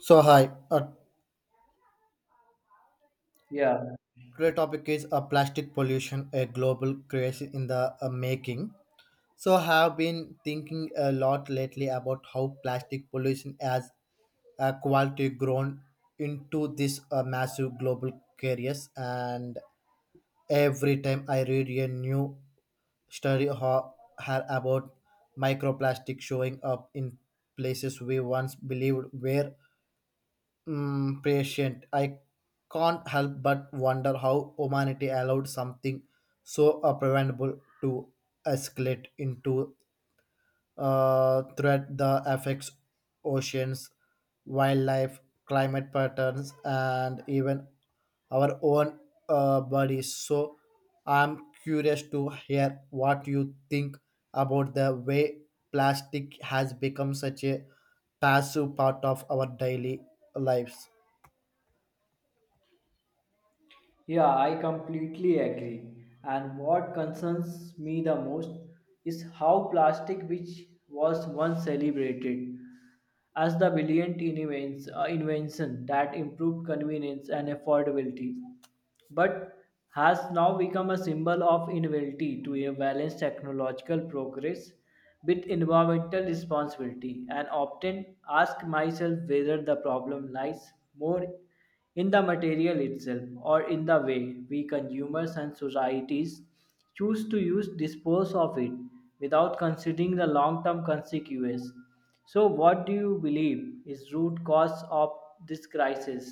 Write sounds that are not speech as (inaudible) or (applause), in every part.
So hi, our Yeah, today topic is a plastic pollution, a global crisis in the making. So I have been thinking a lot lately about how plastic pollution has quality grown into this massive global crisis. And every time I read a new study had about microplastic showing up in places we once believed were patient. I can't help but wonder how humanity allowed something so preventable to escalate into threat that affects oceans, wildlife, climate patterns, and even our own bodies. So I'm curious to hear what you think about the way plastic has become such a passive part of our daily lives. yeah, I completely agree. And what concerns me the most is how plastic, which was once celebrated as the brilliant invention that improved convenience and affordability, but has now become a symbol of inability to balance technological progress with environmental responsibility and often ask myself whether the problem lies more in the material itself or in the way we consumers and societies choose to use dispose of it without considering the long term consequences. So what do you believe is root cause of this crisis?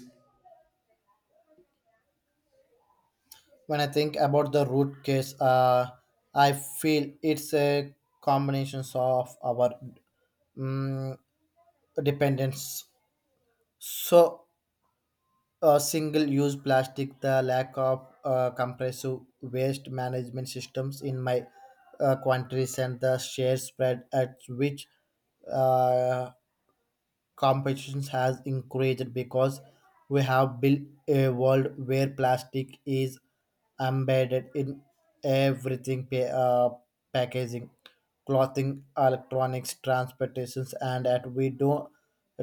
When I think about the root case, I feel it's a combination of our mm, dependence. So, single-use plastic, the lack of compressive waste management systems in my countries, and the share spread at which uh, competitions has increased because we have built a world where plastic is embedded in everything packaging, clothing, electronics, transportations, and that we don't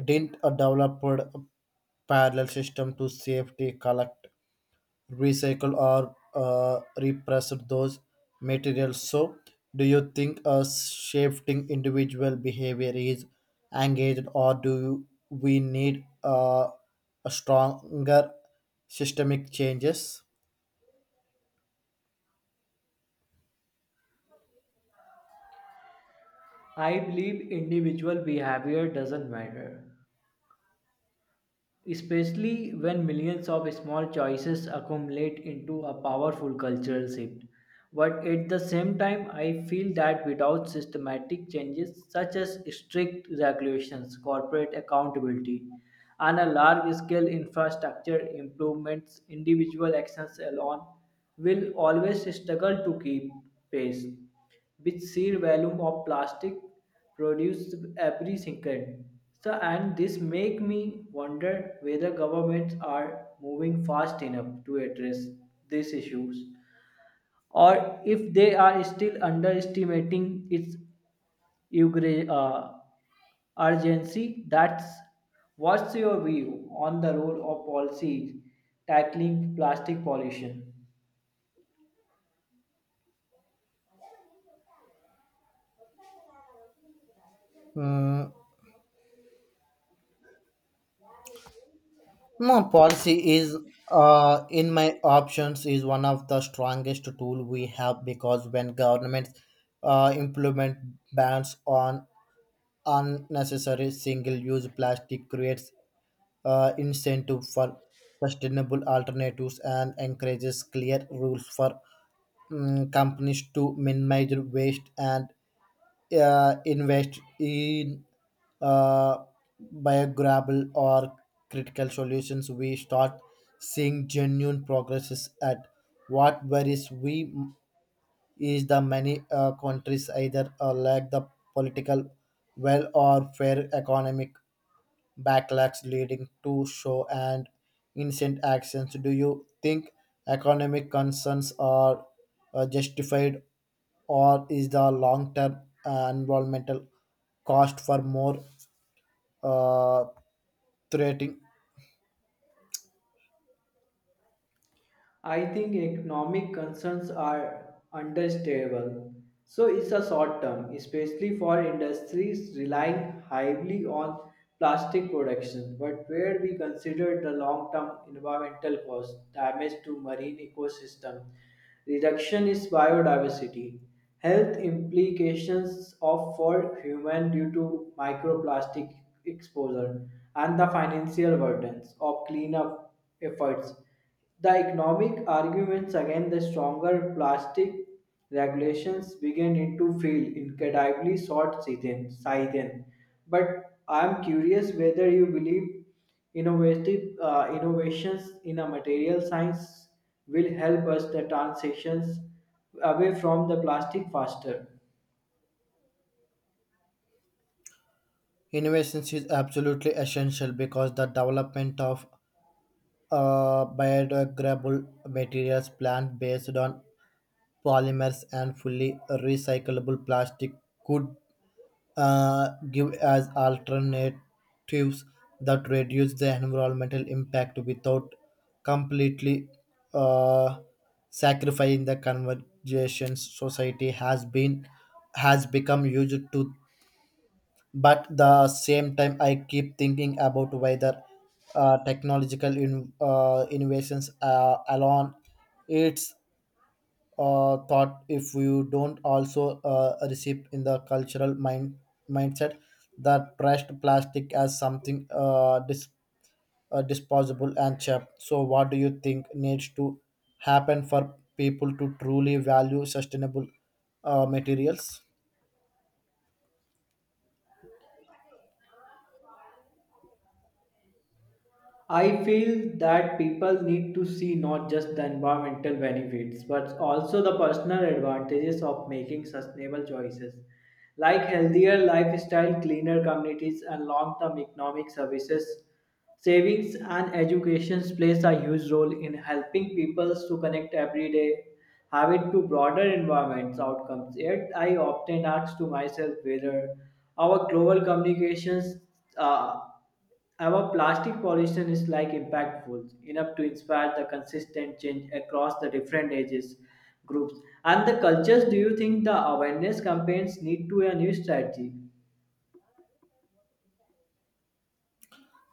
didn't develop a parallel system to safety collect, recycle, or repressed those materials. So, do you think a shifting individual behavior is engaged, or do we need a stronger systemic changes? I believe individual behavior doesn't matter especially when millions of small choices accumulate into a powerful cultural shift. But at the same time, I feel that without systematic changes such as strict regulations, corporate accountability, and a large scale infrastructure improvements, individual actions alone will always struggle to keep pace. Which sheer volume of plastic produced every second. So, and this make me wonder whether governments are moving fast enough to address these issues, or if they are still underestimating its ugra- uh, urgency. That's what's your view on the role of policies tackling plastic pollution? Mm, no, policy is, in my options, is one of the strongest tool we have because when governments implement bans on unnecessary single use plastic creates incentive for sustainable alternatives and encourages clear rules for companies to minimize waste and invest in uh, biodegradable or critical solutions, we start seeing genuine progresses at what worries we is the many countries either lack the political will or fair economic backlogs leading to show and innocent actions. Do you think economic concerns are justified, or is the long-term environmental cost for more uh, threatening? I think economic concerns are understandable. So it's a short term, especially for industries relying heavily on plastic production, but where we consider the long term environmental cost, damage to marine ecosystem, reduction is biodiversity, health implications of for human due to microplastic exposure, and the financial burdens of cleanup efforts. The economic arguments against the stronger plastic regulations began into field incredibly short season. But I am curious whether you believe innovative innovations in a material science will help us the transitions away from the plastic faster. Innovations is absolutely essential because the development of biodegradable materials, plant based on polymers, and fully recyclable plastic could give as alternatives that reduce the environmental impact without completely uh, sacrificing the conservation society has become used to. But the same time, I keep thinking about whether technological innovations alone it's thought if you don't also receive in the cultural mindset that pressed plastic as something disposable and cheap. So what do you think needs to happen for people to truly value sustainable materials? I feel that people need to see not just the environmental benefits but also the personal advantages of making sustainable choices like healthier lifestyle, cleaner communities, and long term economic services. Savings and education plays a huge role in helping people to connect everyday habit to broader environments outcomes. Yet, I often ask to myself whether our global communications uh, our plastic pollution is like impactful enough to inspire the consistent change across the different ages groups and the cultures. Do you think the awareness campaigns need to a new strategy?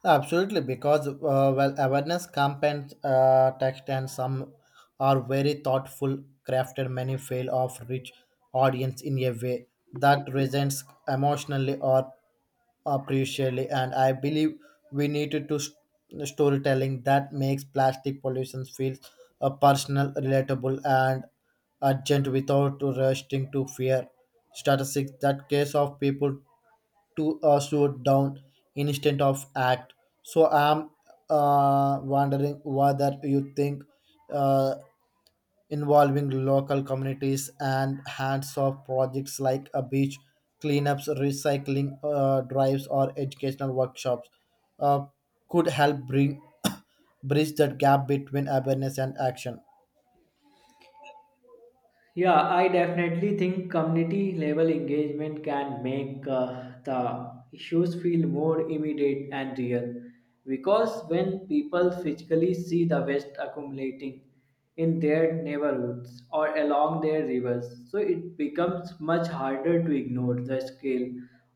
Absolutely, because well, awareness campaigns, text, and some are very thoughtful, crafted many fail of rich audience in a way that resonates emotionally or appreciably. And I believe we need to storytelling that makes plastic pollution feel personal, relatable, and urgent without rushing to fear. Statistics that case of people to slow down instant of act. So I'm wondering whether you think uh, involving local communities and hands-off projects like a beach cleanups, recycling drives, or educational workshops uh, could help bring (coughs) bridge that gap between awareness and action. Yeah, I definitely think community level engagement can make the issues feel more immediate and real because when people physically see the waste accumulating in their neighborhoods or along their rivers, so it becomes much harder to ignore the scale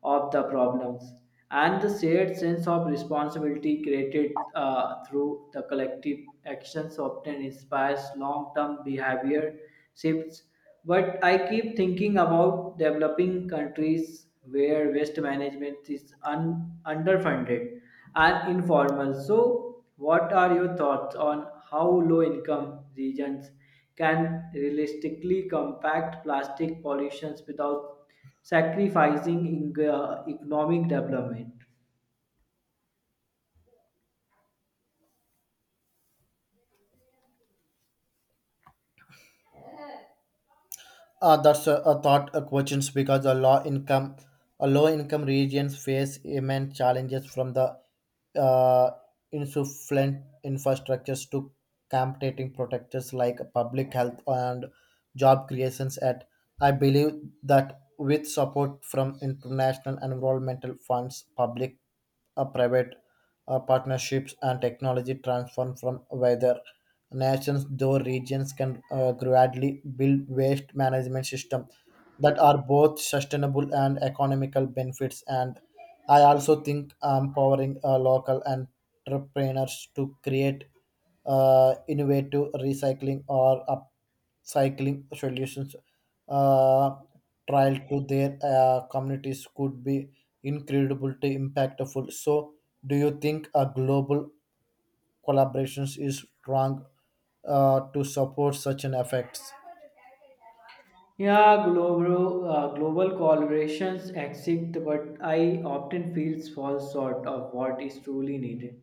of the problems and the shared sense of responsibility created through the collective actions often inspires long-term behavior shifts. But I keep thinking about developing countries where waste management is underfunded and informal. So what are your thoughts on how low income regions can realistically compact plastic pollutions without sacrificing economic development? That's a thought a questions because a low income regions face immense challenges from the uh, insufficient infrastructures to competing protectors like public health and job creations at I believe that with support from international environmental funds, public a private partnerships, and technology transform from whether nations though regions can gradually build waste management system that are both sustainable and economical benefits. And I also think empowering local entrepreneurs to create innovative recycling or up cycling solutions uh, trial to their communities could be incredibly impactful. So, do you think a global collaborations is strong to support such an effects? Yeah, global collaborations exist, but I often feel falls short of what is truly needed,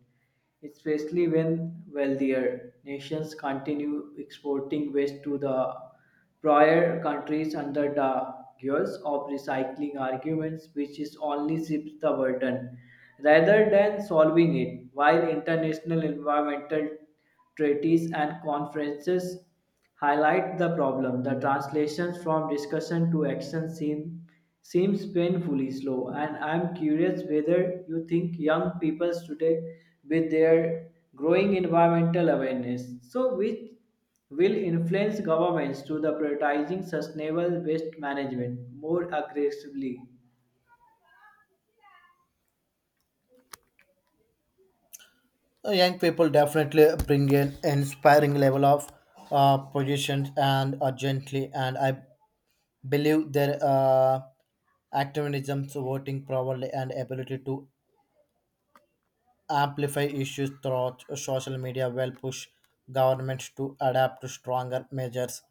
especially when wealthier nations continue exporting waste to the prior countries under the guise of recycling arguments, which is only shifts the burden rather than solving it, while international environmental treaties and conferences highlight the problem. The translations from discussion to action seems painfully slow, and I'm curious whether you think young people today, with their growing environmental awareness, so which will influence governments to the prioritizing sustainable waste management more aggressively. Young people definitely bring an inspiring level of positions and urgently, and I believe their activism, voting power, and ability to amplify issues through social media will push governments to adapt to stronger measures.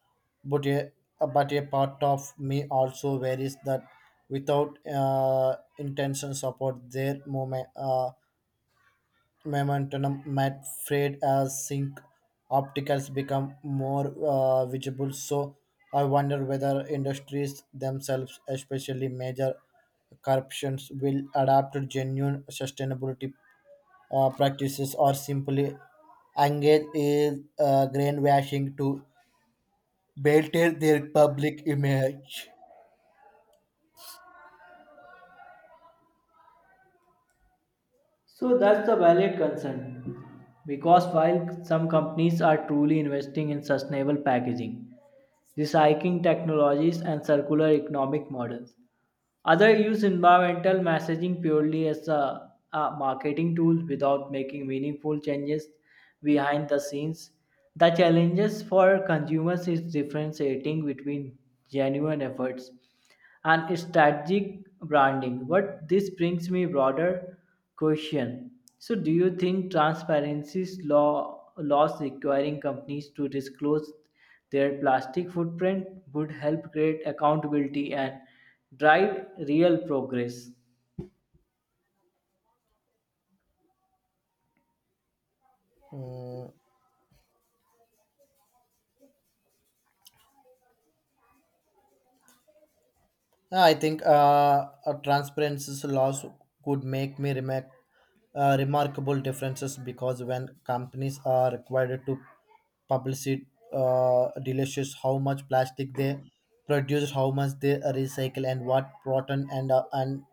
But a, but a part of me also worries that without intention support, their momentum might fade as sync opticals become more visible. So I wonder whether industries themselves, especially major corruptions, will adapt to genuine sustainability practices or simply engage in greenwashing to better their public image. So that's the valid concern because while some companies are truly investing in sustainable packaging, recycling technologies, and circular economic models, others use environmental messaging purely as a marketing tool without making meaningful changes behind the scenes. The challenges for consumers is differentiating between genuine efforts and strategic branding. But this brings me broader question. So, do you think transparency law laws requiring companies to disclose their plastic footprint would help create accountability and drive real progress? Mm, I think a transparency laws could make me remarkable differences because when companies are required to publicity delicious how much plastic they produce, how much they recycle, and what rotten and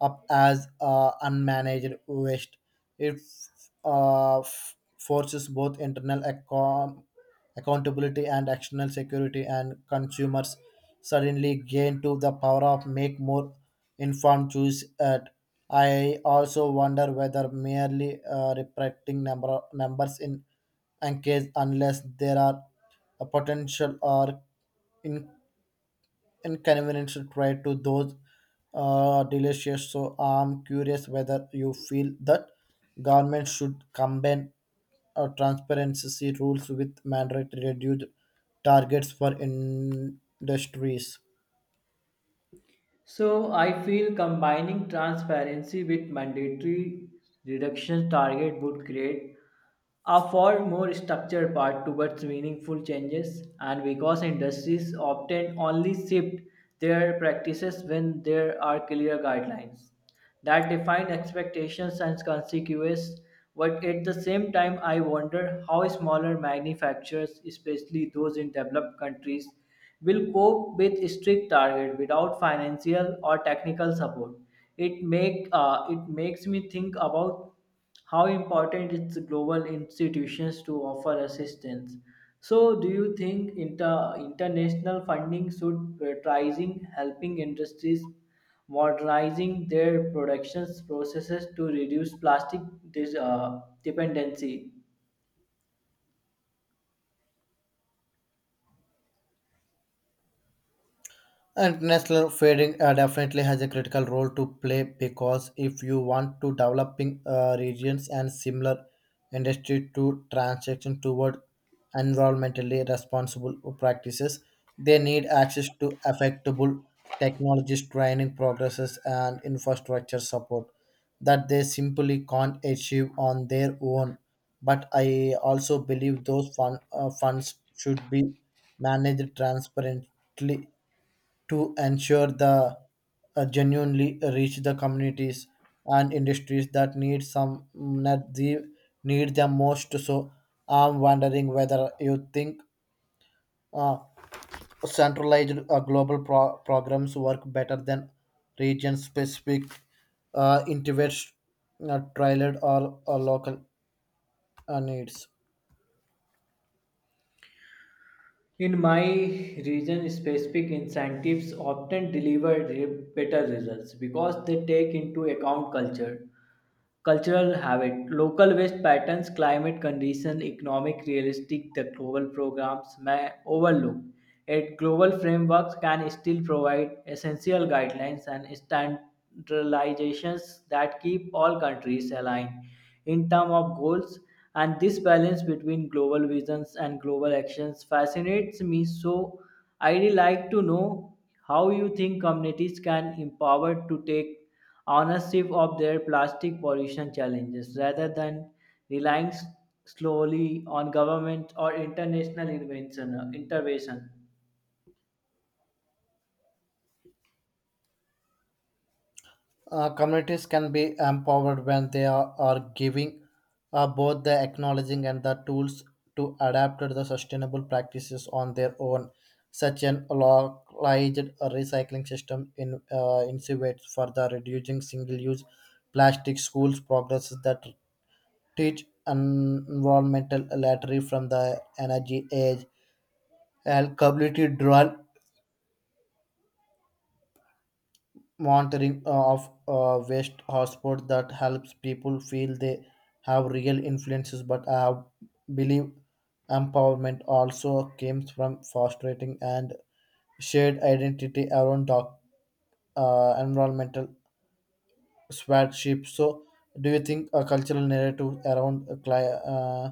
up as unmanaged waste. It forces both internal accountability and external security, and consumers suddenly gain to the power of make more informed choice. At I also wonder whether merely representing numbers in and case unless there are a potential or in inconvenience tried to those delicious. So I'm curious whether you feel that government should combine transparency rules with mandatory reduced targets for industries. So, I feel combining transparency with mandatory reduction target would create a far more structured path towards meaningful changes and because industries often only shift their practices when there are clear guidelines that define expectations and consequences. But at the same time, I wonder how smaller manufacturers, especially those in developed countries, will cope with strict target without financial or technical support. It makes me think about how important it's global institutions to offer assistance. So, do you think international funding should prioritizing helping industries modernizing their production processes to reduce plastic dependency? International trading definitely has a critical role to play because if you want to developing regions and similar industry to transaction toward environmentally responsible practices, they need access to affectable technologies, training progresses, and infrastructure support that they simply can't achieve on their own. But I also believe those funds should be managed transparently to ensure the genuinely reach the communities and industries that that they need the most. So I'm wondering whether you think uh, centralized global programs work better than region specific interest tailored or local needs. In my region, specific incentives often deliver better results because they take into account cultural habit, local waste patterns, climate condition, economic realistic, the global programs may overlook. Yet, global frameworks can still provide essential guidelines and standardizations that keep all countries aligned in terms of goals. And this balance between global visions and global actions fascinates me. So, I'd like to know how you think communities can empower to take ownership of their plastic pollution challenges rather than relying slowly on government or international intervention. Communities can be empowered when they are giving both the acknowledging and the tools to adapt to the sustainable practices on their own. Such an localized recycling system in innovates further reducing single-use plastic. Schools progresses that teach environmental literacy from the energy age and community drill monitoring of waste hotspot that helps people feel they have real influences. But I have believe empowerment also comes from fostering and shared identity around environmental stewardship. So do you think a cultural narrative around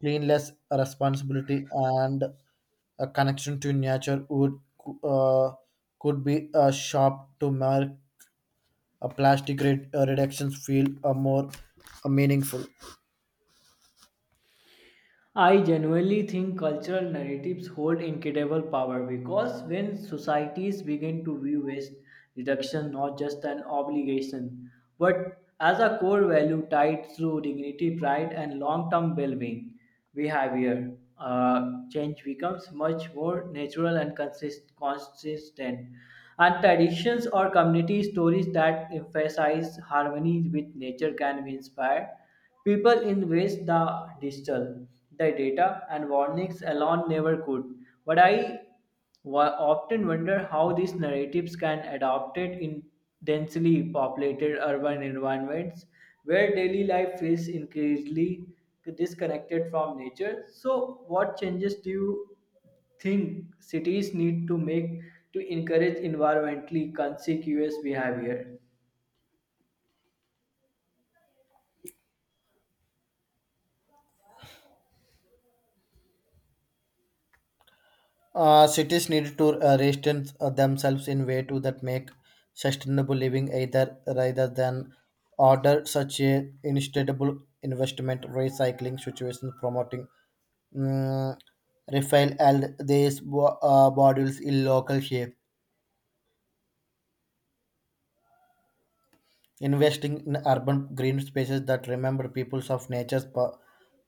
cleanliness, responsibility, and a connection to nature would uh, could be a shop to mark a plastic reductions feel more meaningful? I genuinely think cultural narratives hold incredible power because when societies begin to view waste reduction not just an obligation but as a core value tied through dignity, pride, and long term well being, behavior change becomes much more natural and consistent. And traditions or community stories that emphasize harmony with nature can be inspired people invest the digital, the data, and warnings alone never could. But I often wonder how these narratives can adapt it in densely populated urban environments where daily life is increasingly disconnected from nature. So, what changes do you think cities need to make to encourage environmentally conscious behavior? Cities need to restrain themselves in way to that make sustainable living either, rather than order such a inevitable investment recycling situations, promoting mm, refill and these bottles in local shape, investing in urban green spaces that remember peoples of nature's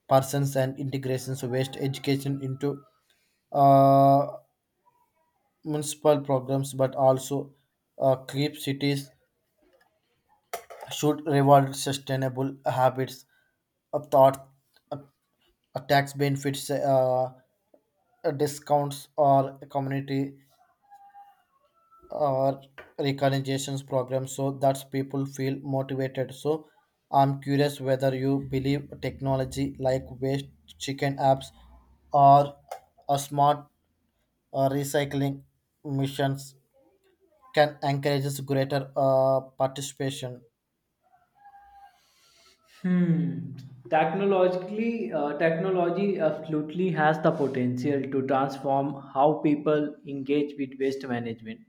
persons, and integrations waste education into uh, municipal programs. But also keep cities should reward sustainable habits, a thought a, a tax benefits, a discounts or community or recognitions programs, so that people feel motivated. So I'm curious whether you believe technology like waste chicken apps or a smart recycling missions can encourages greater participation? Hmm. Technology absolutely has the potential to transform how people engage with waste management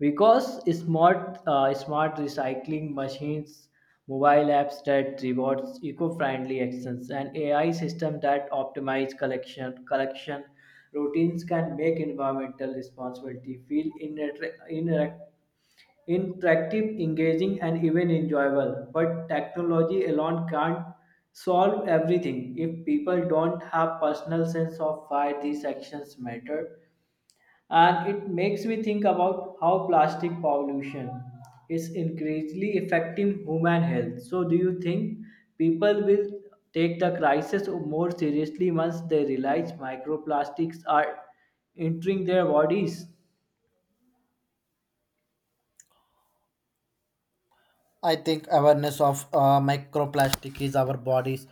because smart recycling machines, mobile apps that rewards eco-friendly actions, and AI system that optimize collection routines can make environmental responsibility feel inter- interactive, engaging, and even enjoyable. But technology alone can't solve everything if people don't have personal sense of why these actions matter. And it makes me think about how plastic pollution is increasingly affecting human health. So, do you think people will take the crisis more seriously once they realize microplastics are entering their bodies? I think awareness of microplastic is our bodies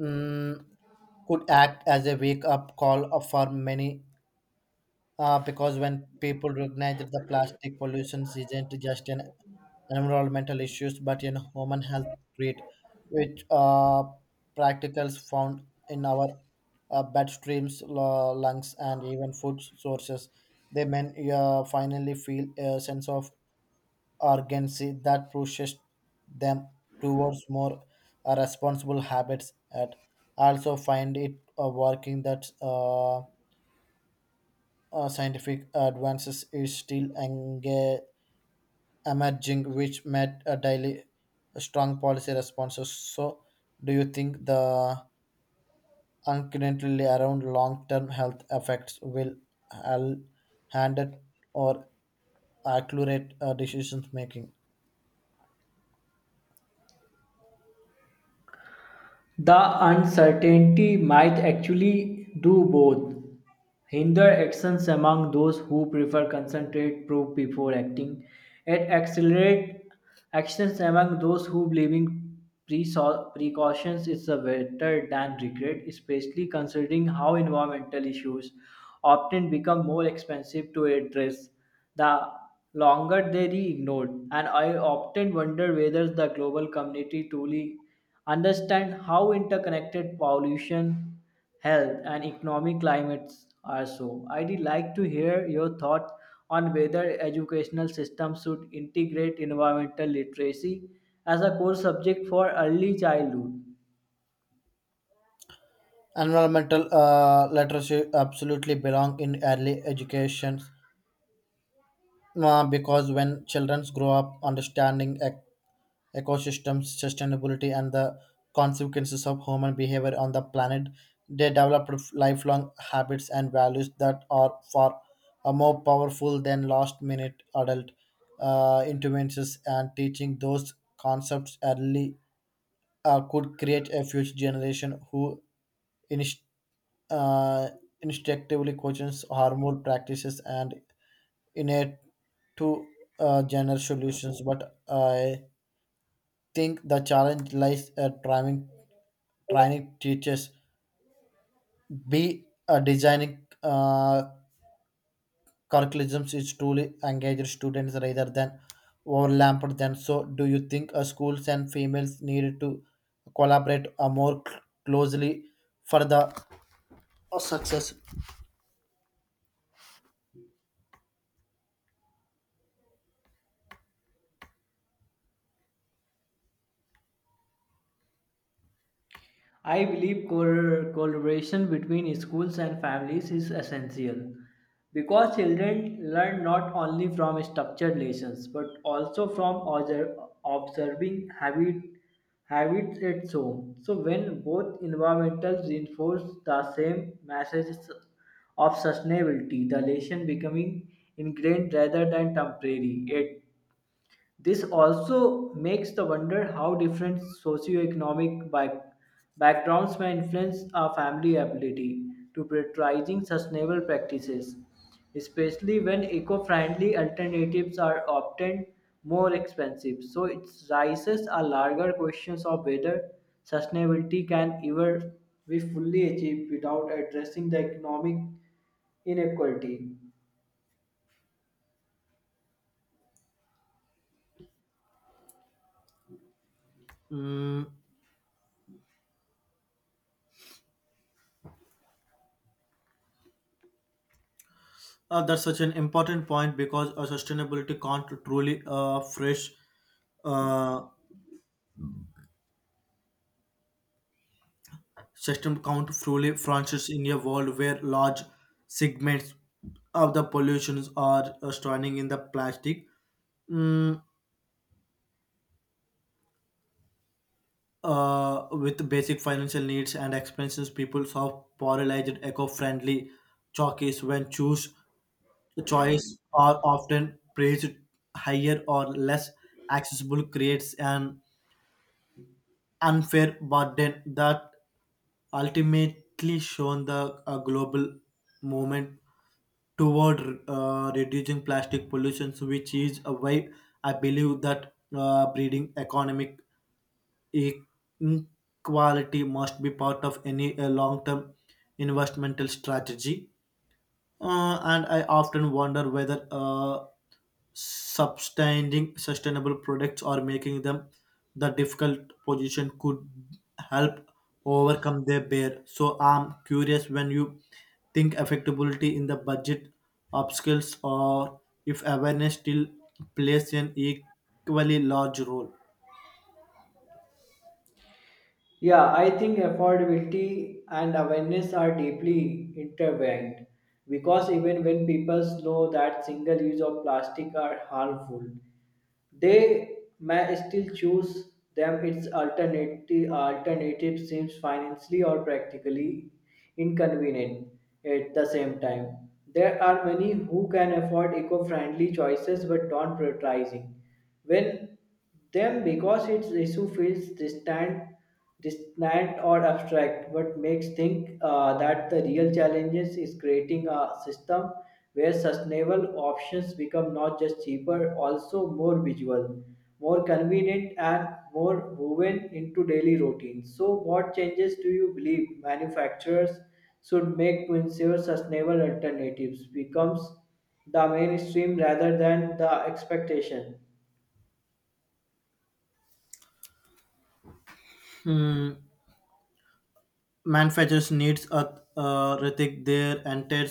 mm, could act as a wake up call for many because when people recognize that the plastic pollution isn't just an environmental issues but in human health threat, which practicals found in our bloodstreams, lungs, and even food sources, they may finally feel a sense of urgency that pushes them towards more responsible habits at also find it working that scientific advances is still engage, emerging which met a daily strong policy responses. So do you think the uncertainty around long-term health effects will hal- handle or accurate decisions making? The uncertainty might actually do both hinder actions among those who prefer concentrate proof before acting. It accelerate actions among those who believing precautions is a better than regret, especially considering how environmental issues often become more expensive to address the longer they are ignored. And I often wonder whether the global community truly understand how interconnected pollution health, and economic climates are so. I'd like to hear your thoughts on whether educational systems should integrate environmental literacy as a core subject for early childhood. Environmental literacy absolutely belong in early education because when children grow up understanding ecosystems, sustainability, and the consequences of human behavior on the planet, they develop lifelong habits and values that are far more powerful than last-minute adult interventions. And teaching those concepts early could create a future generation who inst- uh, instinctively questions harmful practices and innate to general solutions. But I think the challenge lies at training teachers be designing curriculums is truly engage students rather than overlapped them. So, do you think schools and females need to collaborate more closely for the success? I believe collaboration between schools and families is essential because children learn not only from structured lessons but also from observing habits at home. So, when both environmentals reinforce the same messages of sustainability, the lesson becoming ingrained rather than temporary. Yet this also makes the wonder how different socioeconomic backgrounds may influence a family ability to prioritizing sustainable practices, especially when eco-friendly alternatives are often more expensive. So it raises a larger questions of whether sustainability can ever be fully achieved without addressing the economic inequality. Mm, that's such an important point because sustainability can't truly fresh uh, system count truly functions in a world where large segments of the pollutions are standing in the plastic. Mm, with basic financial needs and expenses, people have paralyzed eco-friendly choices when choose choice are often praised higher or less accessible, creates an unfair burden that ultimately shown the a global movement toward reducing plastic pollution, which is a why I believe that breeding economic inequality must be part of any long-term investmental strategy. And I often wonder whether sustaining sustainable products or making them the difficult position could help overcome their bear. So I'm curious when you think affectability in the budget obstacles or if awareness still plays an equally large role. Yeah, I think affordability and awareness are deeply intertwined because even when people know that single use of plastic are harmful, they may still choose them its alternative seems financially or practically inconvenient at the same time there are many who can afford eco-friendly choices but don't prioritizing when them because its issue feels distant or abstract, but makes think that the real challenges is creating a system where sustainable options become not just cheaper, also more visual, more convenient, and more woven into daily routines. So, what changes do you believe manufacturers should make to ensure sustainable alternatives becomes the mainstream rather than the expectation? Hmm. Manufacturers needs a rethink their entire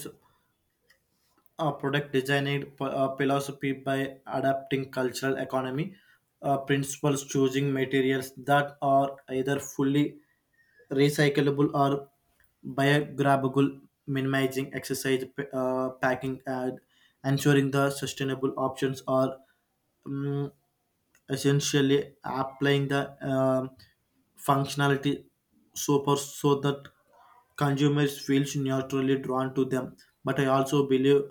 product designing philosophy by adapting cultural economy principles choosing materials that are either fully recyclable or biodegradable minimizing exercise packing and ensuring the sustainable options are mm essentially applying the um, functionality super so that consumers feels naturally drawn to them, but I also believe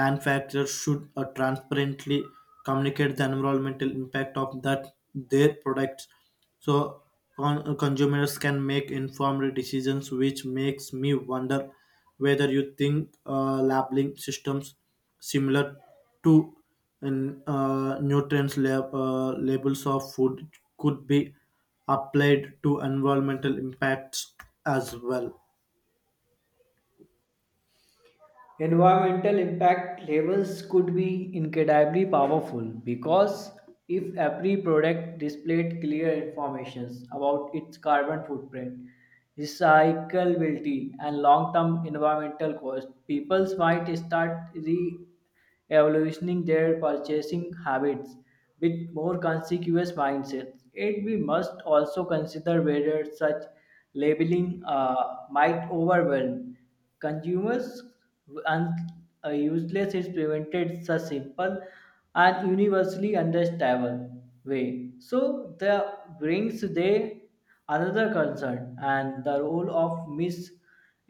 manufacturers should transparently communicate the environmental impact of that their products so consumers can make informed decisions, which makes me wonder whether you think labeling systems similar to nutrients labels of food could be applied to environmental impacts as well. Environmental impact labels could be incredibly powerful because if every product displayed clear information about its carbon footprint, recyclability, and long term environmental cost, people might start evaluating their purchasing habits with more conscious mindsets. Yet we must also consider whether such labeling might overwhelm consumers and useless is prevented such simple and universally understandable way. So that brings they another concern and the role of misinformation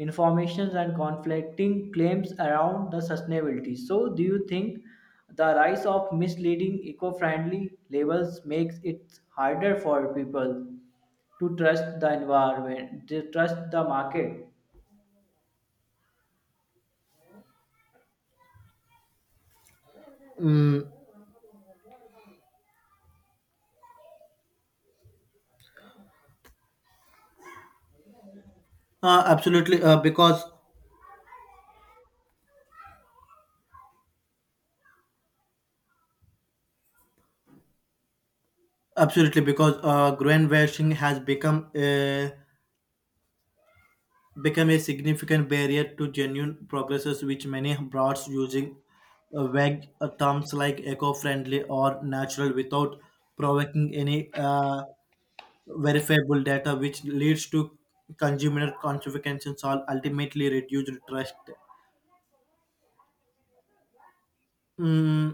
informations and conflicting claims around the sustainability. So, do you think the rise of misleading eco-friendly labels makes it harder for people to to trust the market? Mm, uh, absolutely, uh, because Absolutely, because grain washing has become a significant barrier to genuine progresses, which many brands using vague terms like eco-friendly or natural without provoking any. Verifiable data, which leads to consumer consequences or ultimately reduced trust mm,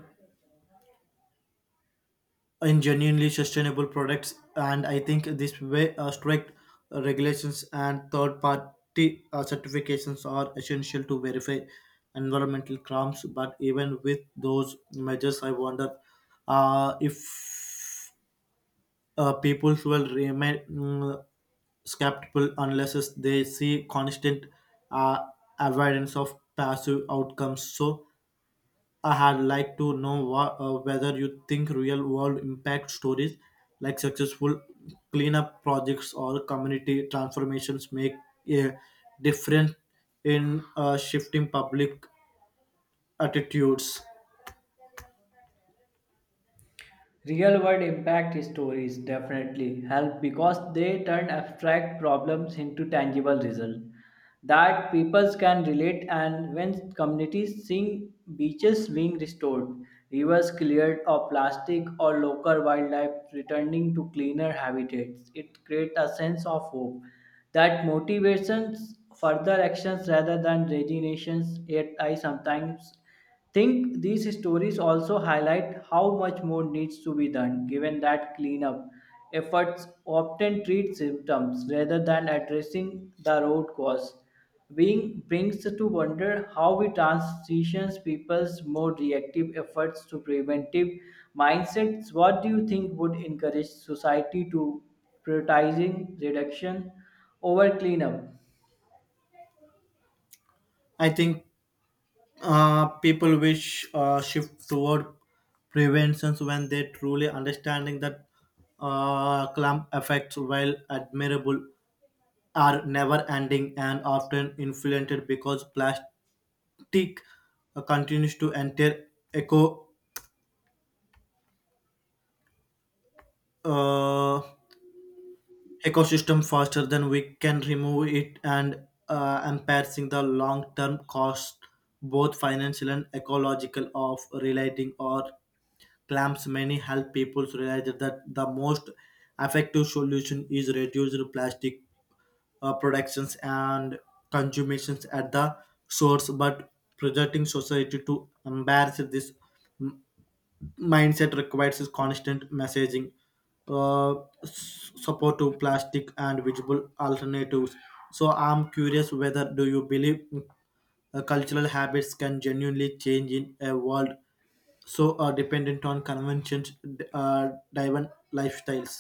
in genuinely sustainable products. And I think this way strict regulations and third party certifications are essential to verify environmental crimes, but even with those measures I wonder if people will remain skeptical unless is they see constant uh, avoidance of passive outcomes. So I had like to know whether you think real world impact stories like successful cleanup projects or community transformations make a difference in shifting public attitudes. Real world impact stories definitely help because they turn abstract problems into tangible results that people can relate and when communities see beaches being restored, rivers cleared of plastic or local wildlife returning to cleaner habitats, it creates a sense of hope that motivates further actions rather than resignations. Yet I sometimes think these stories also highlight how much more needs to be done given that cleanup efforts often treat symptoms rather than addressing the root cause. Being brings to wonder how we transitions people's more reactive efforts to preventive mindsets. What do you think would encourage society to prioritizing reduction over cleanup? I think people wish shift toward preventions when they truly understanding that clamp effects, while admirable, are never ending and often influenced because plastic continues to enter eco uh, ecosystem faster than we can remove it. And embarrassing the long term cost, both financial and ecological, of relating or clamps many help people realize that the most effective solution is reduced plastic productions and consumations at the source, but projecting society to embrace this m- mindset requires constant messaging, uh, support to plastic and visible alternatives. So I'm curious whether do you believe cultural habits can genuinely change in a world so are dependent on conventions driven lifestyles.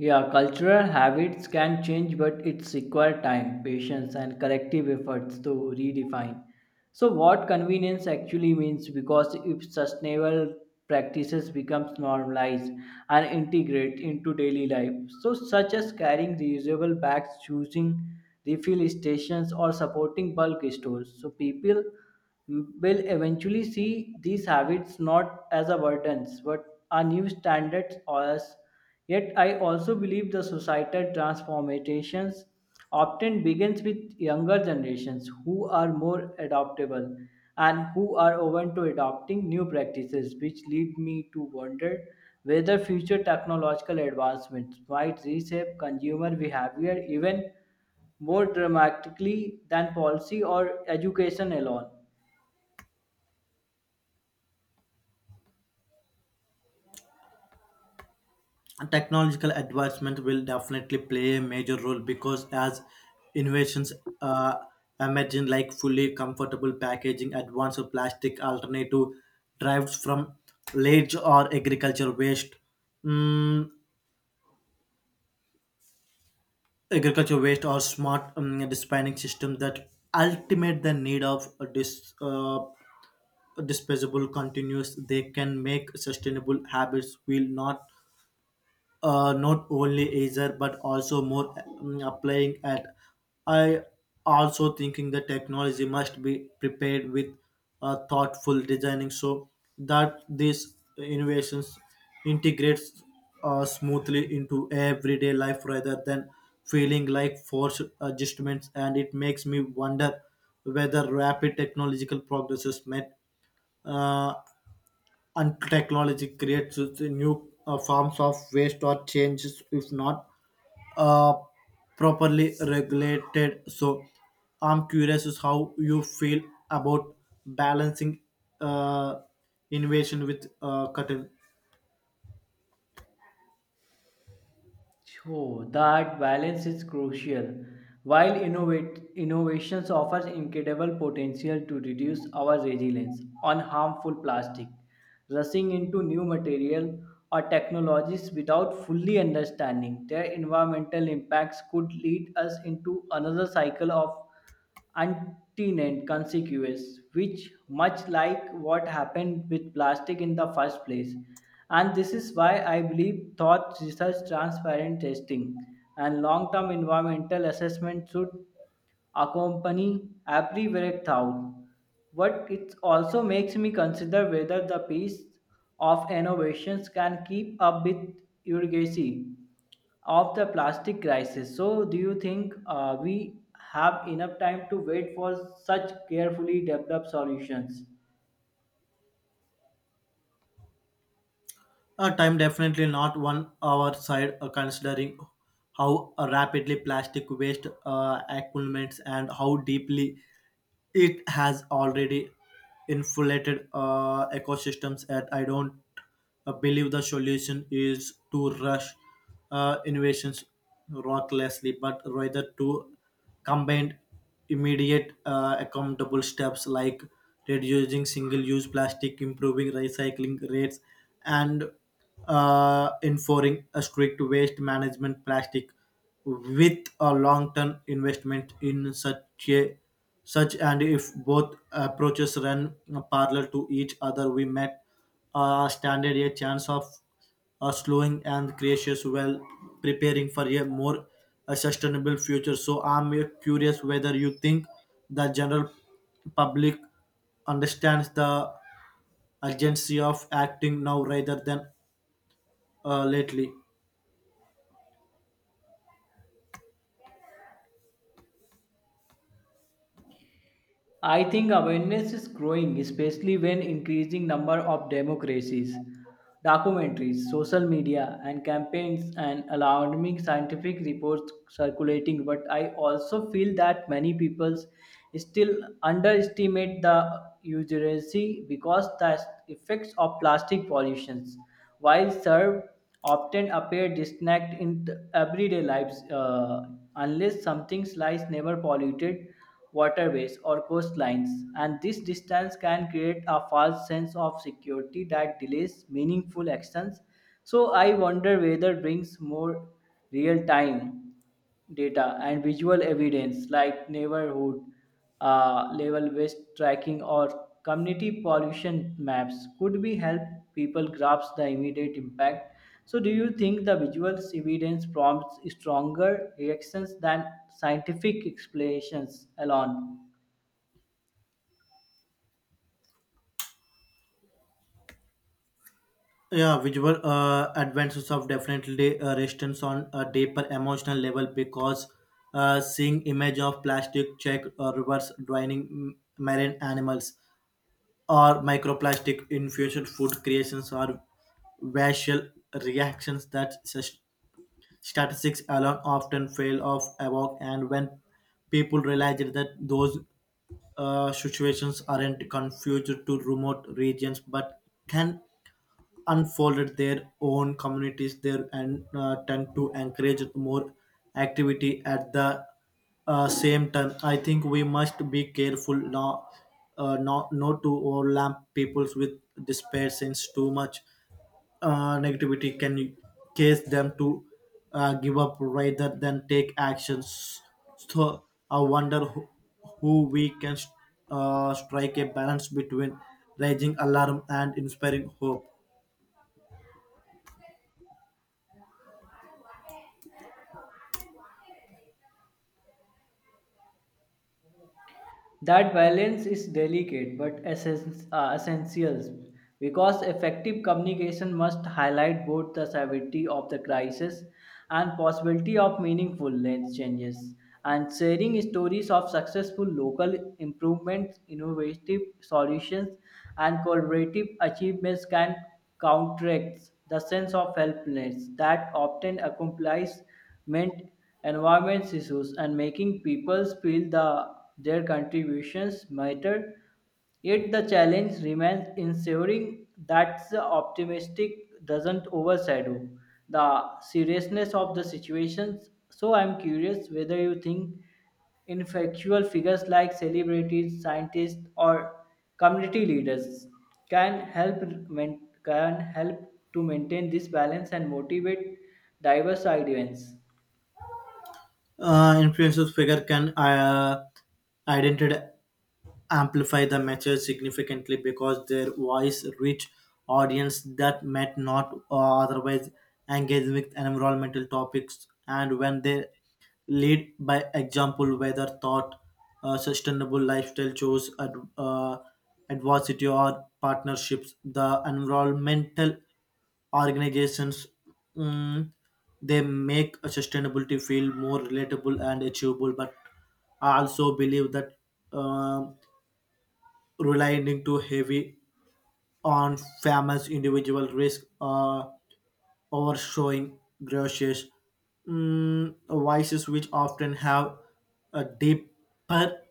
Yeah, cultural habits can change, but it's require time, patience, and collective efforts to redefine. So, what convenience actually means because if sustainable practices becomes normalized and integrate into daily life, so such as carrying reusable bags, choosing refill stations, or supporting bulk stores, so people will eventually see these habits not as a burdens but a new standards or as yet, I also believe the societal transformations often begins with younger generations who are more adaptable and who are open to adopting new practices, which lead me to wonder whether future technological advancements might reshape consumer behavior even more dramatically than policy or education alone. Technological advancement will definitely play a major role because as innovations uh, emerge in like fully comfortable packaging, advanced plastic alternative drives from ledge or mm, agriculture waste or smart dispensing system that ultimate the need of this disposable continues. They can make sustainable habits will not only easier but also more applying at. I also thinking the technology must be prepared with a thoughtful designing so that these innovations integrates smoothly into everyday life rather than feeling like forced adjustments, and it makes me wonder whether rapid technological progresses might and technology creates new forms of waste or changes if not uh, properly regulated. So, I'm curious is how you feel about balancing uh, innovation with cutting. So that balance is crucial. While innovations offers incredible potential to reduce our reliance on harmful plastic, rushing into new material or technologies without fully understanding their environmental impacts could lead us into another cycle of untenant consequences, which much like what happened with plastic in the first place. And this is why I believe thought research, transparent testing, and long term environmental assessment should accompany every breath out. But it also makes me consider whether the pace of innovations can keep up with urgency of the plastic crisis. So, do you think we have enough time to wait for such carefully developed solutions? Time definitely not one our side considering how rapidly plastic waste accumulates and how deeply it has already inflated ecosystems. And I don't believe the solution is to rush innovations recklessly, but rather to combined immediate accountable steps like reducing single-use plastic, improving recycling rates, and enforcing a strict waste management plastic with a long-term investment in such a such. And if both approaches run parallel to each other, we met standard a chance of slowing and gracious while preparing for a more sustainable future. So I'm curious whether you think the general public understands the urgency of acting now rather than lately. I think awareness is growing, especially when increasing number of democracies, documentaries, social media, and campaigns and alarming scientific reports circulating. But I also feel that many people still underestimate the urgency because the effects of plastic pollutions, while serve often appear distinct in the everyday lives, unless something like never polluted waterways, or coastlines, and this distance can create a false sense of security that delays meaningful actions. So, I wonder whether brings more real time data and visual evidence like neighborhood level waste tracking or community pollution maps could be help people grasp the immediate impact. So do you think the visual evidence prompts stronger reactions than scientific explanations alone? Yeah, visual advances of definitely resistance on a deeper emotional level because seeing image of plastic check rivers drowning marine animals or microplastic infusion food creations or visual reactions that statistics alone often fail of evoke. And when people realize that those situations aren't confused to remote regions but can unfolded their own communities there, and tend to encourage more activity at the same time. I think we must be careful not to overlap peoples with despair, since too much negativity can cause them to give up rather than take actions. So I wonder who we can strike a balance between raising alarm and inspiring hope. That balance is delicate but essential because effective communication must highlight both the severity of the crisis and possibility of meaningful length changes. And sharing stories of successful local improvements, innovative solutions, and collaborative achievements can counteract the sense of helplessness that often accompanies meant environment issues and making people feel the, their contributions mattered. Yet the challenge remains ensuring that the optimistic doesn't overshadow the seriousness of the situations. So I'm curious whether you think influential figures like celebrities, scientists, or community leaders can help can help to maintain this balance and motivate diverse ideas. Influences figure can identity amplify the message significantly because their voice reach audience that might not otherwise engage with environmental topics. And when they lead by example, whether thought sustainable lifestyle choice uh, adversity or partnerships the environmental organizations, mm, they make sustainability feel more relatable and achievable. But I also believe that um, relying too heavy on famous individual risk overshadowing gracious vices which often have a deeper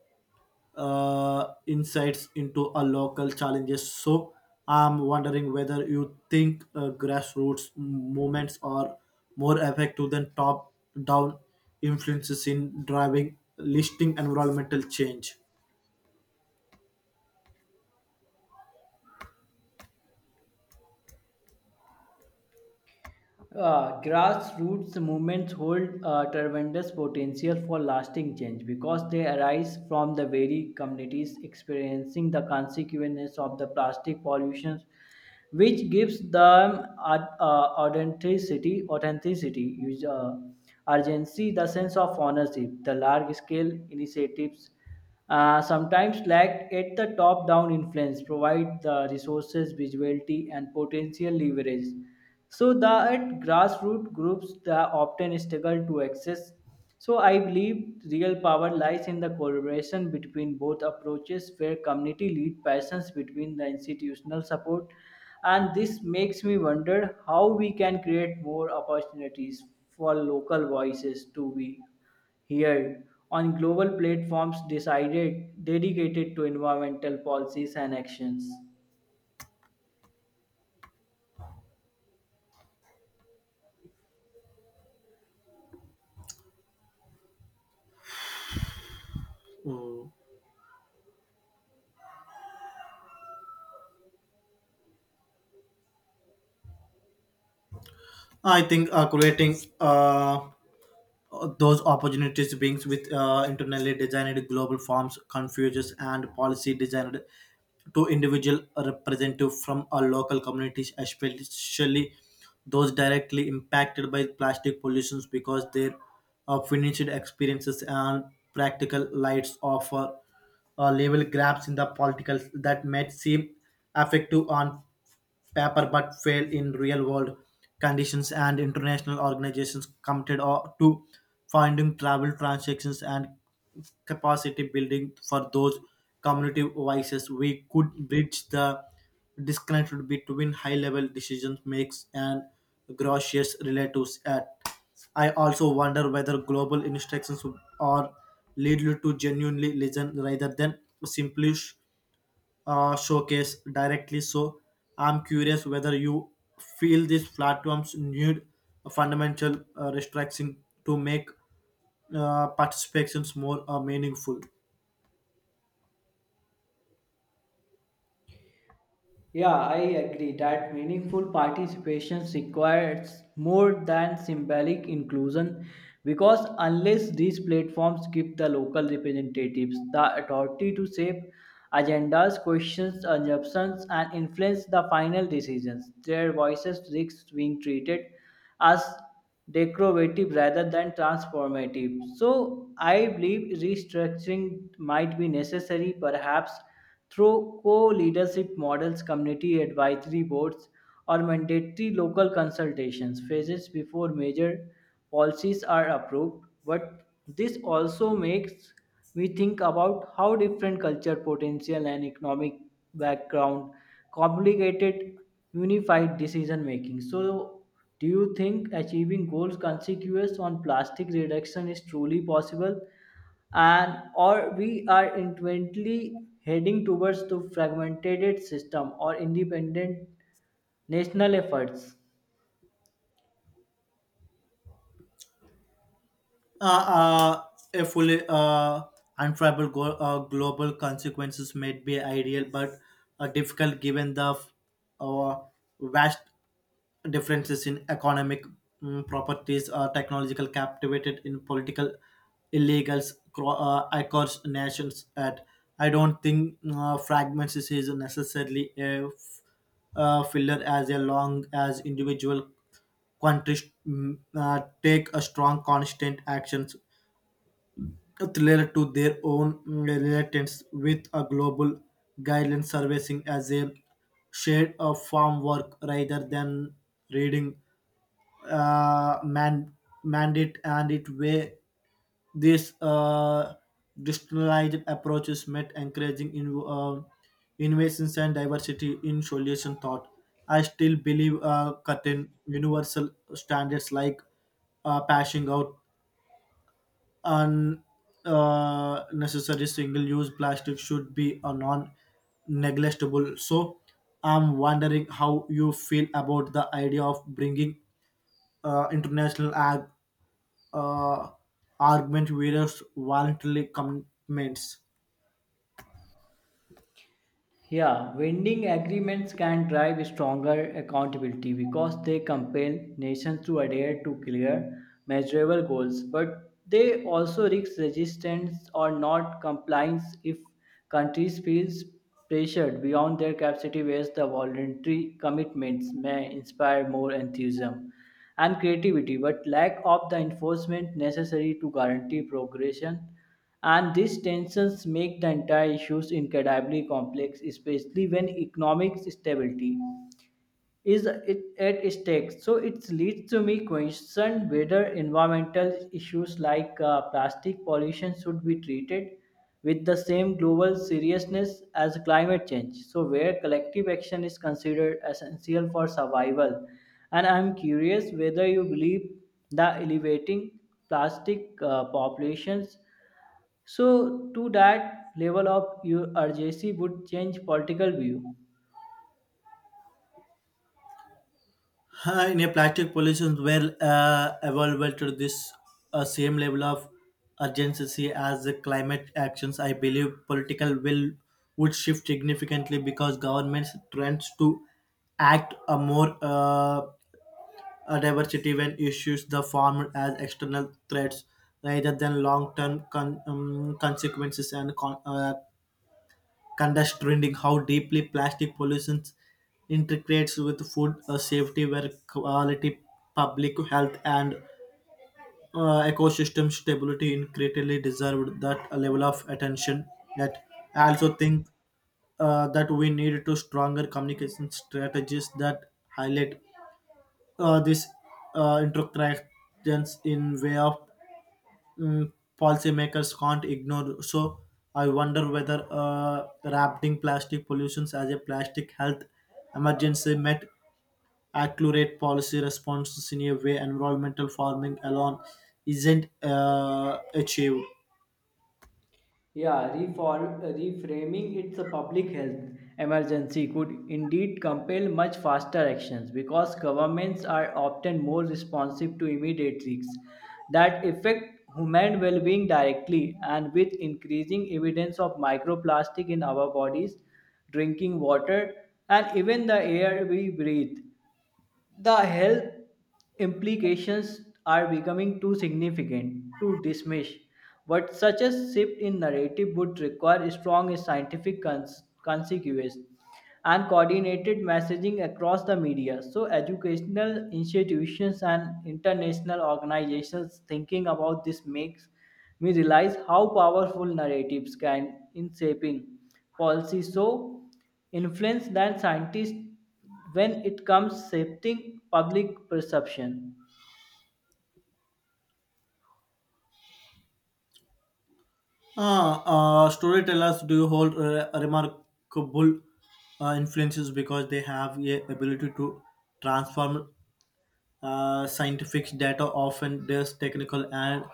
insights into a local challenges. So I'm wondering whether you think grassroots movements are more effective than top down influences in driving listing environmental change. Grassroots movements hold tremendous potential for lasting change because they arise from the very communities experiencing the consequences of the plastic pollution, which gives them authenticity, urgency, the sense of ownership. The large-scale initiatives sometimes lack at the top-down influence, provide the resources, visibility, and potential leverage. So that grassroots groups that often struggle to access, so I believe real power lies in the collaboration between both approaches where community lead passions between the institutional support. And this makes me wonder how we can create more opportunities for local voices to be heard on global platforms decided dedicated to environmental policies and actions. Mm. I think creating uh, those opportunities brings with internally designed global forms, confuses and policy designed to individual representative from our local communities, especially those directly impacted by plastic pollutions, because their finished experiences and practical lights offer level gaps in the politicals that might seem effective on paper but fail in real world conditions. And international organizations committed to finding travel transactions and capacity building for those community voices, we could bridge the disconnect between high level decision makes and gracious relatives at. I also wonder whether global instructions are lead you to genuinely listen rather than simply showcase directly. So I'm curious whether you feel these platforms need a fundamental restriction to make participations more meaningful. Yeah, I agree that meaningful participation requires more than symbolic inclusion because unless these platforms give the local representatives the authority to shape agendas, questions, assumptions, and influence the final decisions, their voices risk being treated as decorative rather than transformative. So I believe restructuring might be necessary, perhaps through co-leadership models, community advisory boards, or mandatory local consultations phases before major policies are approved. But this also makes me think about how different culture, potential, and economic background complicated unified decision making. So, do you think achieving goals consequence on plastic reduction is truly possible? And or we are intently heading towards the fragmented system or independent national efforts? Uh, a fully untribal global consequences might be ideal, but difficult given the uh, vast differences in economic properties, technological captivated in political illegals, across nations. At I don't think fragments is necessarily a filler as a long as individual countries take a strong constant actions related to their own relatance with a global guideline servicing as a shade of farm work rather than reading uh, man, mandate. And it way this decentralized approaches met encouraging innovations and diversity in solution thought. I still believe cutting universal standards like passing out on necessary single-use plastic should be a non-negligible. So, I'm wondering how you feel about the idea of bringing international uh, argument various voluntary commitments. Yeah, vending agreements can drive stronger accountability because they compel nations to adhere to clear, measurable goals, but they also risk resistance or not compliance if countries feel pressured beyond their capacity, whereas the voluntary commitments may inspire more enthusiasm and creativity but lack of the enforcement necessary to guarantee progression. And these tensions make the entire issues incredibly complex, especially when economic stability is at stake. So it leads to me question whether environmental issues like plastic pollution should be treated with the same global seriousness as climate change. So where collective action is considered essential for survival. And I'm curious whether you believe the elevating plastic populations so, to that level of urgency would change political view. In a plastic pollution were evaluated this same level of urgency as the climate actions, I believe political will would shift significantly because governments trends to act a more a diversity when issues the form as external threats rather than long-term consequences and contest trending how deeply plastic pollution integrates with food safety, where quality, public health, and ecosystem stability increasingly deserve that level of attention. Yet, I also think that we need to stronger communication strategies that highlight this interactions in way of mm, policymakers can't ignore. So I wonder whether wrapping plastic pollutions as a plastic health emergency might accelerate policy responses in a way environmental farming alone isn't achieved. Yeah, reframing its a public health emergency could indeed compel much faster actions because governments are often more responsive to immediate risks that affect human well-being directly, and with increasing evidence of microplastic in our bodies, drinking water, and even the air we breathe. The health implications are becoming too significant to dismiss, but such a shift in narrative would require strong scientific consequences and coordinated messaging across the media. So, educational institutions and international organizations thinking about this makes me realize how powerful narratives can in shaping policy. So, influence than scientists when it comes shifting public perception. Ah, storytellers do hold remarkable influences because they have a ability to transform scientific data often is technical and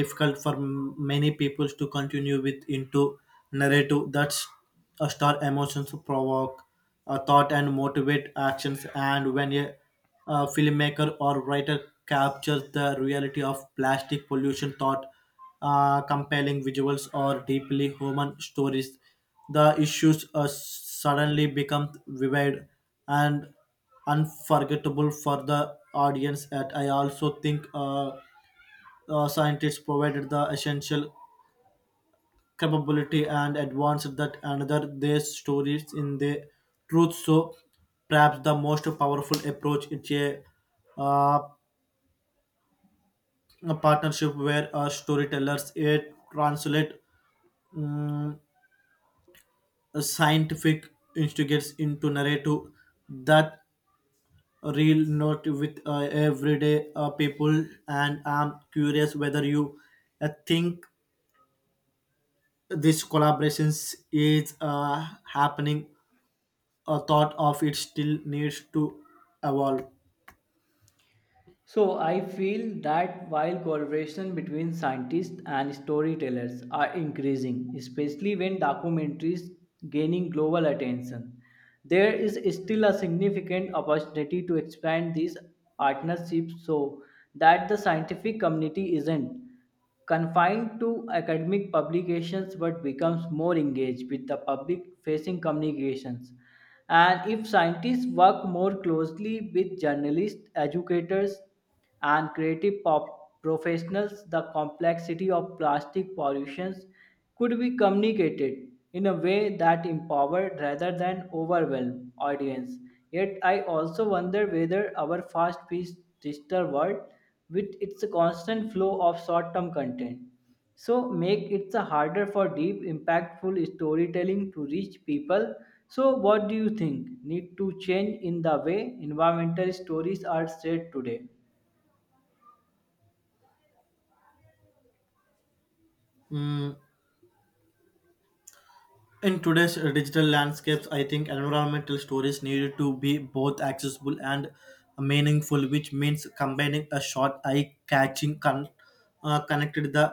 difficult for many people to continue with into narrative that's a star emotions provoke a thought and motivate actions. And when a filmmaker or writer captures the reality of plastic pollution thought compelling visuals or deeply human stories, the issues suddenly become vivid and unforgettable for the audience. At I also think scientists provided the essential capability and advanced that another their stories in the truth. So perhaps the most powerful approach is uh, a partnership where storytellers translate um, scientific instigates into narrative that real note with everyday people. And I'm curious whether you think this collaborations is happening or thought of it still needs to evolve. So I feel that while collaboration between scientists and storytellers are increasing, especially when documentaries gaining global attention, there is still a significant opportunity to expand these partnerships so that the scientific community isn't confined to academic publications but becomes more engaged with the public facing communications. And if scientists work more closely with journalists, educators, and creative pop professionals, the complexity of plastic pollutions could be communicated in a way that empowered rather than overwhelm audience. Yet I also wonder whether our fast-paced digital world with its constant flow of short-term content. So make it the harder for deep, impactful storytelling to reach people. So what do you think need to change in the way environmental stories are said today? Mm, in today's digital landscapes I think environmental stories need to be both accessible and meaningful, which means combining a short eye-catching connected the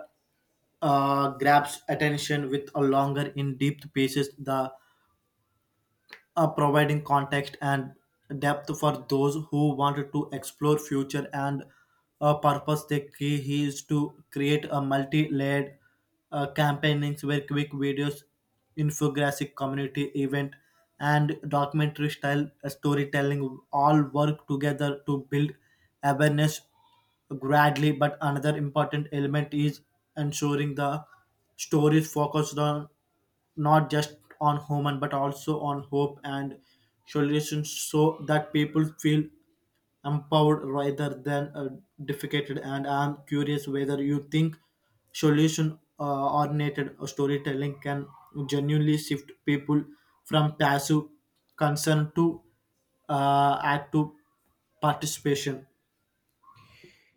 grabs attention with a longer in depth pieces the providing context and depth for those who want to explore future and purpose. The key is to create a multi-layered campaigning where quick videos, infographic, community event, and documentary style storytelling all work together to build awareness gradually. But another important element is ensuring the stories focused on not just on human but also on hope and solutions so that people feel empowered rather than defecated. And I'm curious whether you think solution oriented storytelling can genuinely shift people from passive concern to active participation.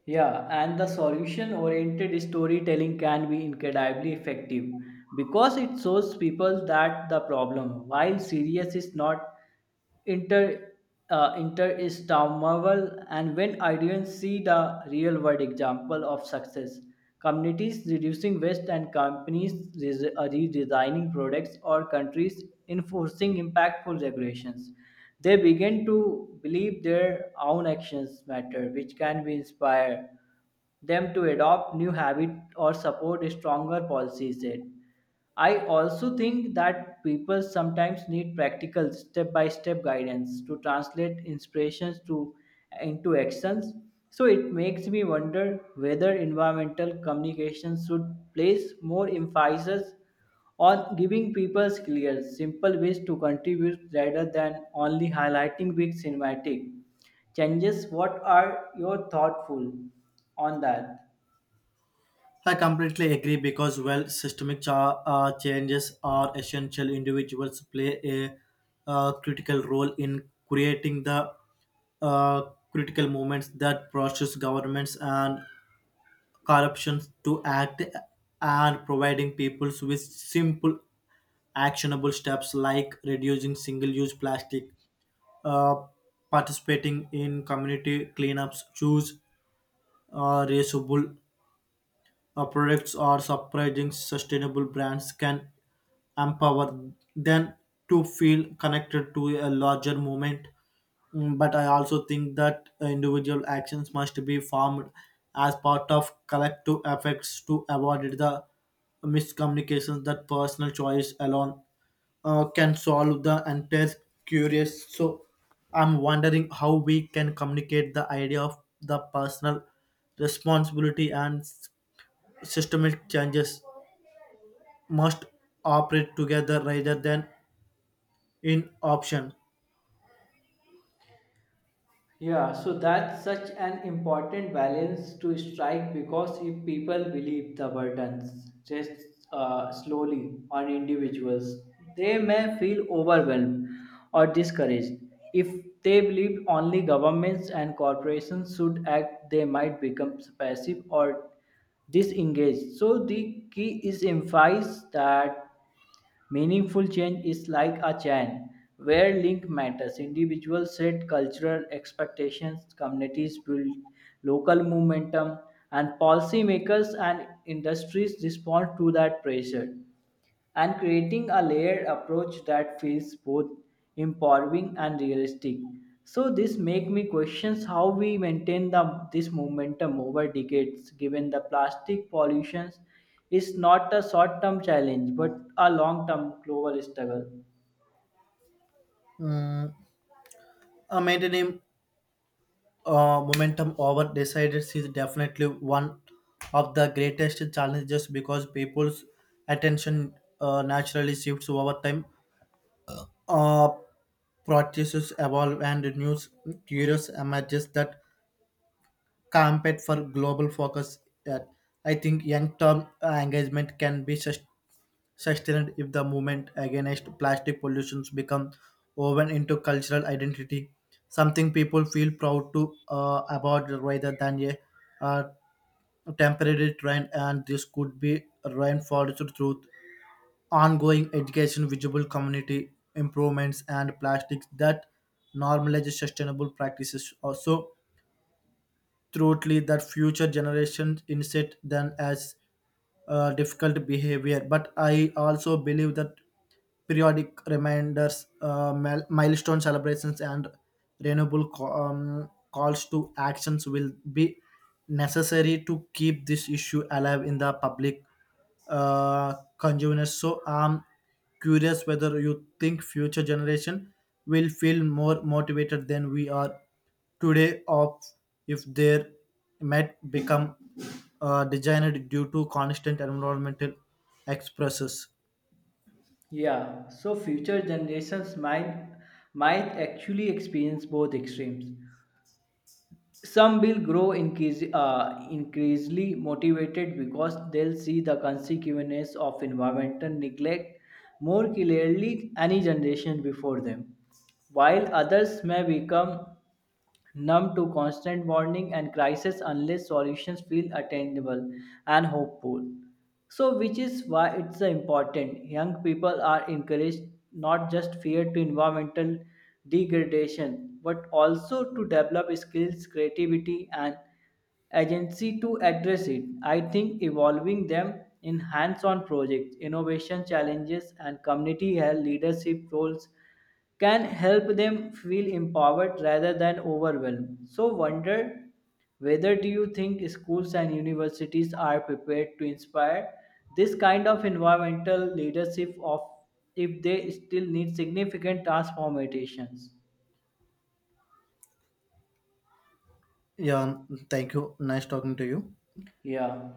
Yeah, and the solution oriented storytelling can be incredibly effective because it shows people that the problem, while serious, is not inter interest. And when audience see the real world example of success, communities reducing waste and companies re- redesigning products or countries enforcing impactful regulations. They begin to believe their own actions matter, which can be inspire them to adopt new habits or support stronger policies. Said. I also think that people sometimes need practical step-by-step guidance to translate inspirations to into actions. So it makes me wonder whether environmental communication should place more emphasis on giving people clear, simple ways to contribute rather than only highlighting big cinematic changes. What are your thoughtful on that? I completely agree because well, systemic changes are essential. Individuals play a critical role in creating the uh, critical moments that process governments and corruptions to act, and providing peoples with simple actionable steps like reducing single-use plastic, uh, participating in community cleanups, choose reusable products or surprising sustainable brands can empower them to feel connected to a larger movement. But I also think that individual actions must be formed as part of collective efforts to avoid the miscommunications that personal choice alone can solve the entire curious. So I'm wondering how we can communicate the idea of the personal responsibility and systemic changes must operate together rather than in option. Yeah, so that's such an important balance to strike because if people believe the burdens rests slowly on individuals, they may feel overwhelmed or discouraged. If they believe only governments and corporations should act, they might become passive or disengaged. So the key is emphasize that meaningful change is like a chain where link matters. Individuals set cultural expectations, communities build local momentum, and policymakers and industries respond to that pressure and creating a layered approach that feels both empowering and realistic. So this make me questions how we maintain this momentum over decades given the plastic pollution is not a short-term challenge but a long-term global struggle. Mm, Maintaining momentum over decides is definitely one of the greatest challenges because people's attention naturally shifts over time. Uh, Practices evolve and new theories emerges that compete for global focus. Uh, I think young term engagement can be sustained if the movement against plastic pollution becomes woven into cultural identity, something people feel proud to about rather than a uh, temporary trend. And this could be reinforced through ongoing education, visible community improvements, and plastics that normalize sustainable practices. Also truly that future generations instead than as difficult behavior. But I also believe that periodic reminders, milestone celebrations, and renewable calls to actions will be necessary to keep this issue alive in the public consumers. So I'm curious whether you think future generation will feel more motivated than we are today, or if their might become designed due to constant environmental expresses. Yeah, so future generations might actually experience both extremes. Some will grow increasingly motivated because they'll see the consequences of environmental neglect more clearly any generation before them, while others may become numb to constant warning and crisis unless solutions feel attainable and hopeful. So, which is why it's important young people are encouraged not just fear to environmental degradation but also to develop skills, creativity, and agency to address it. I think evolving them in hands on projects, innovation challenges, and community health leadership roles can help them feel empowered rather than overwhelmed. So, wonder whether do you think schools and universities are prepared to inspire this kind of environmental leadership of if they still need significant transformations? Yeah, thank you. Nice talking to you. Yeah.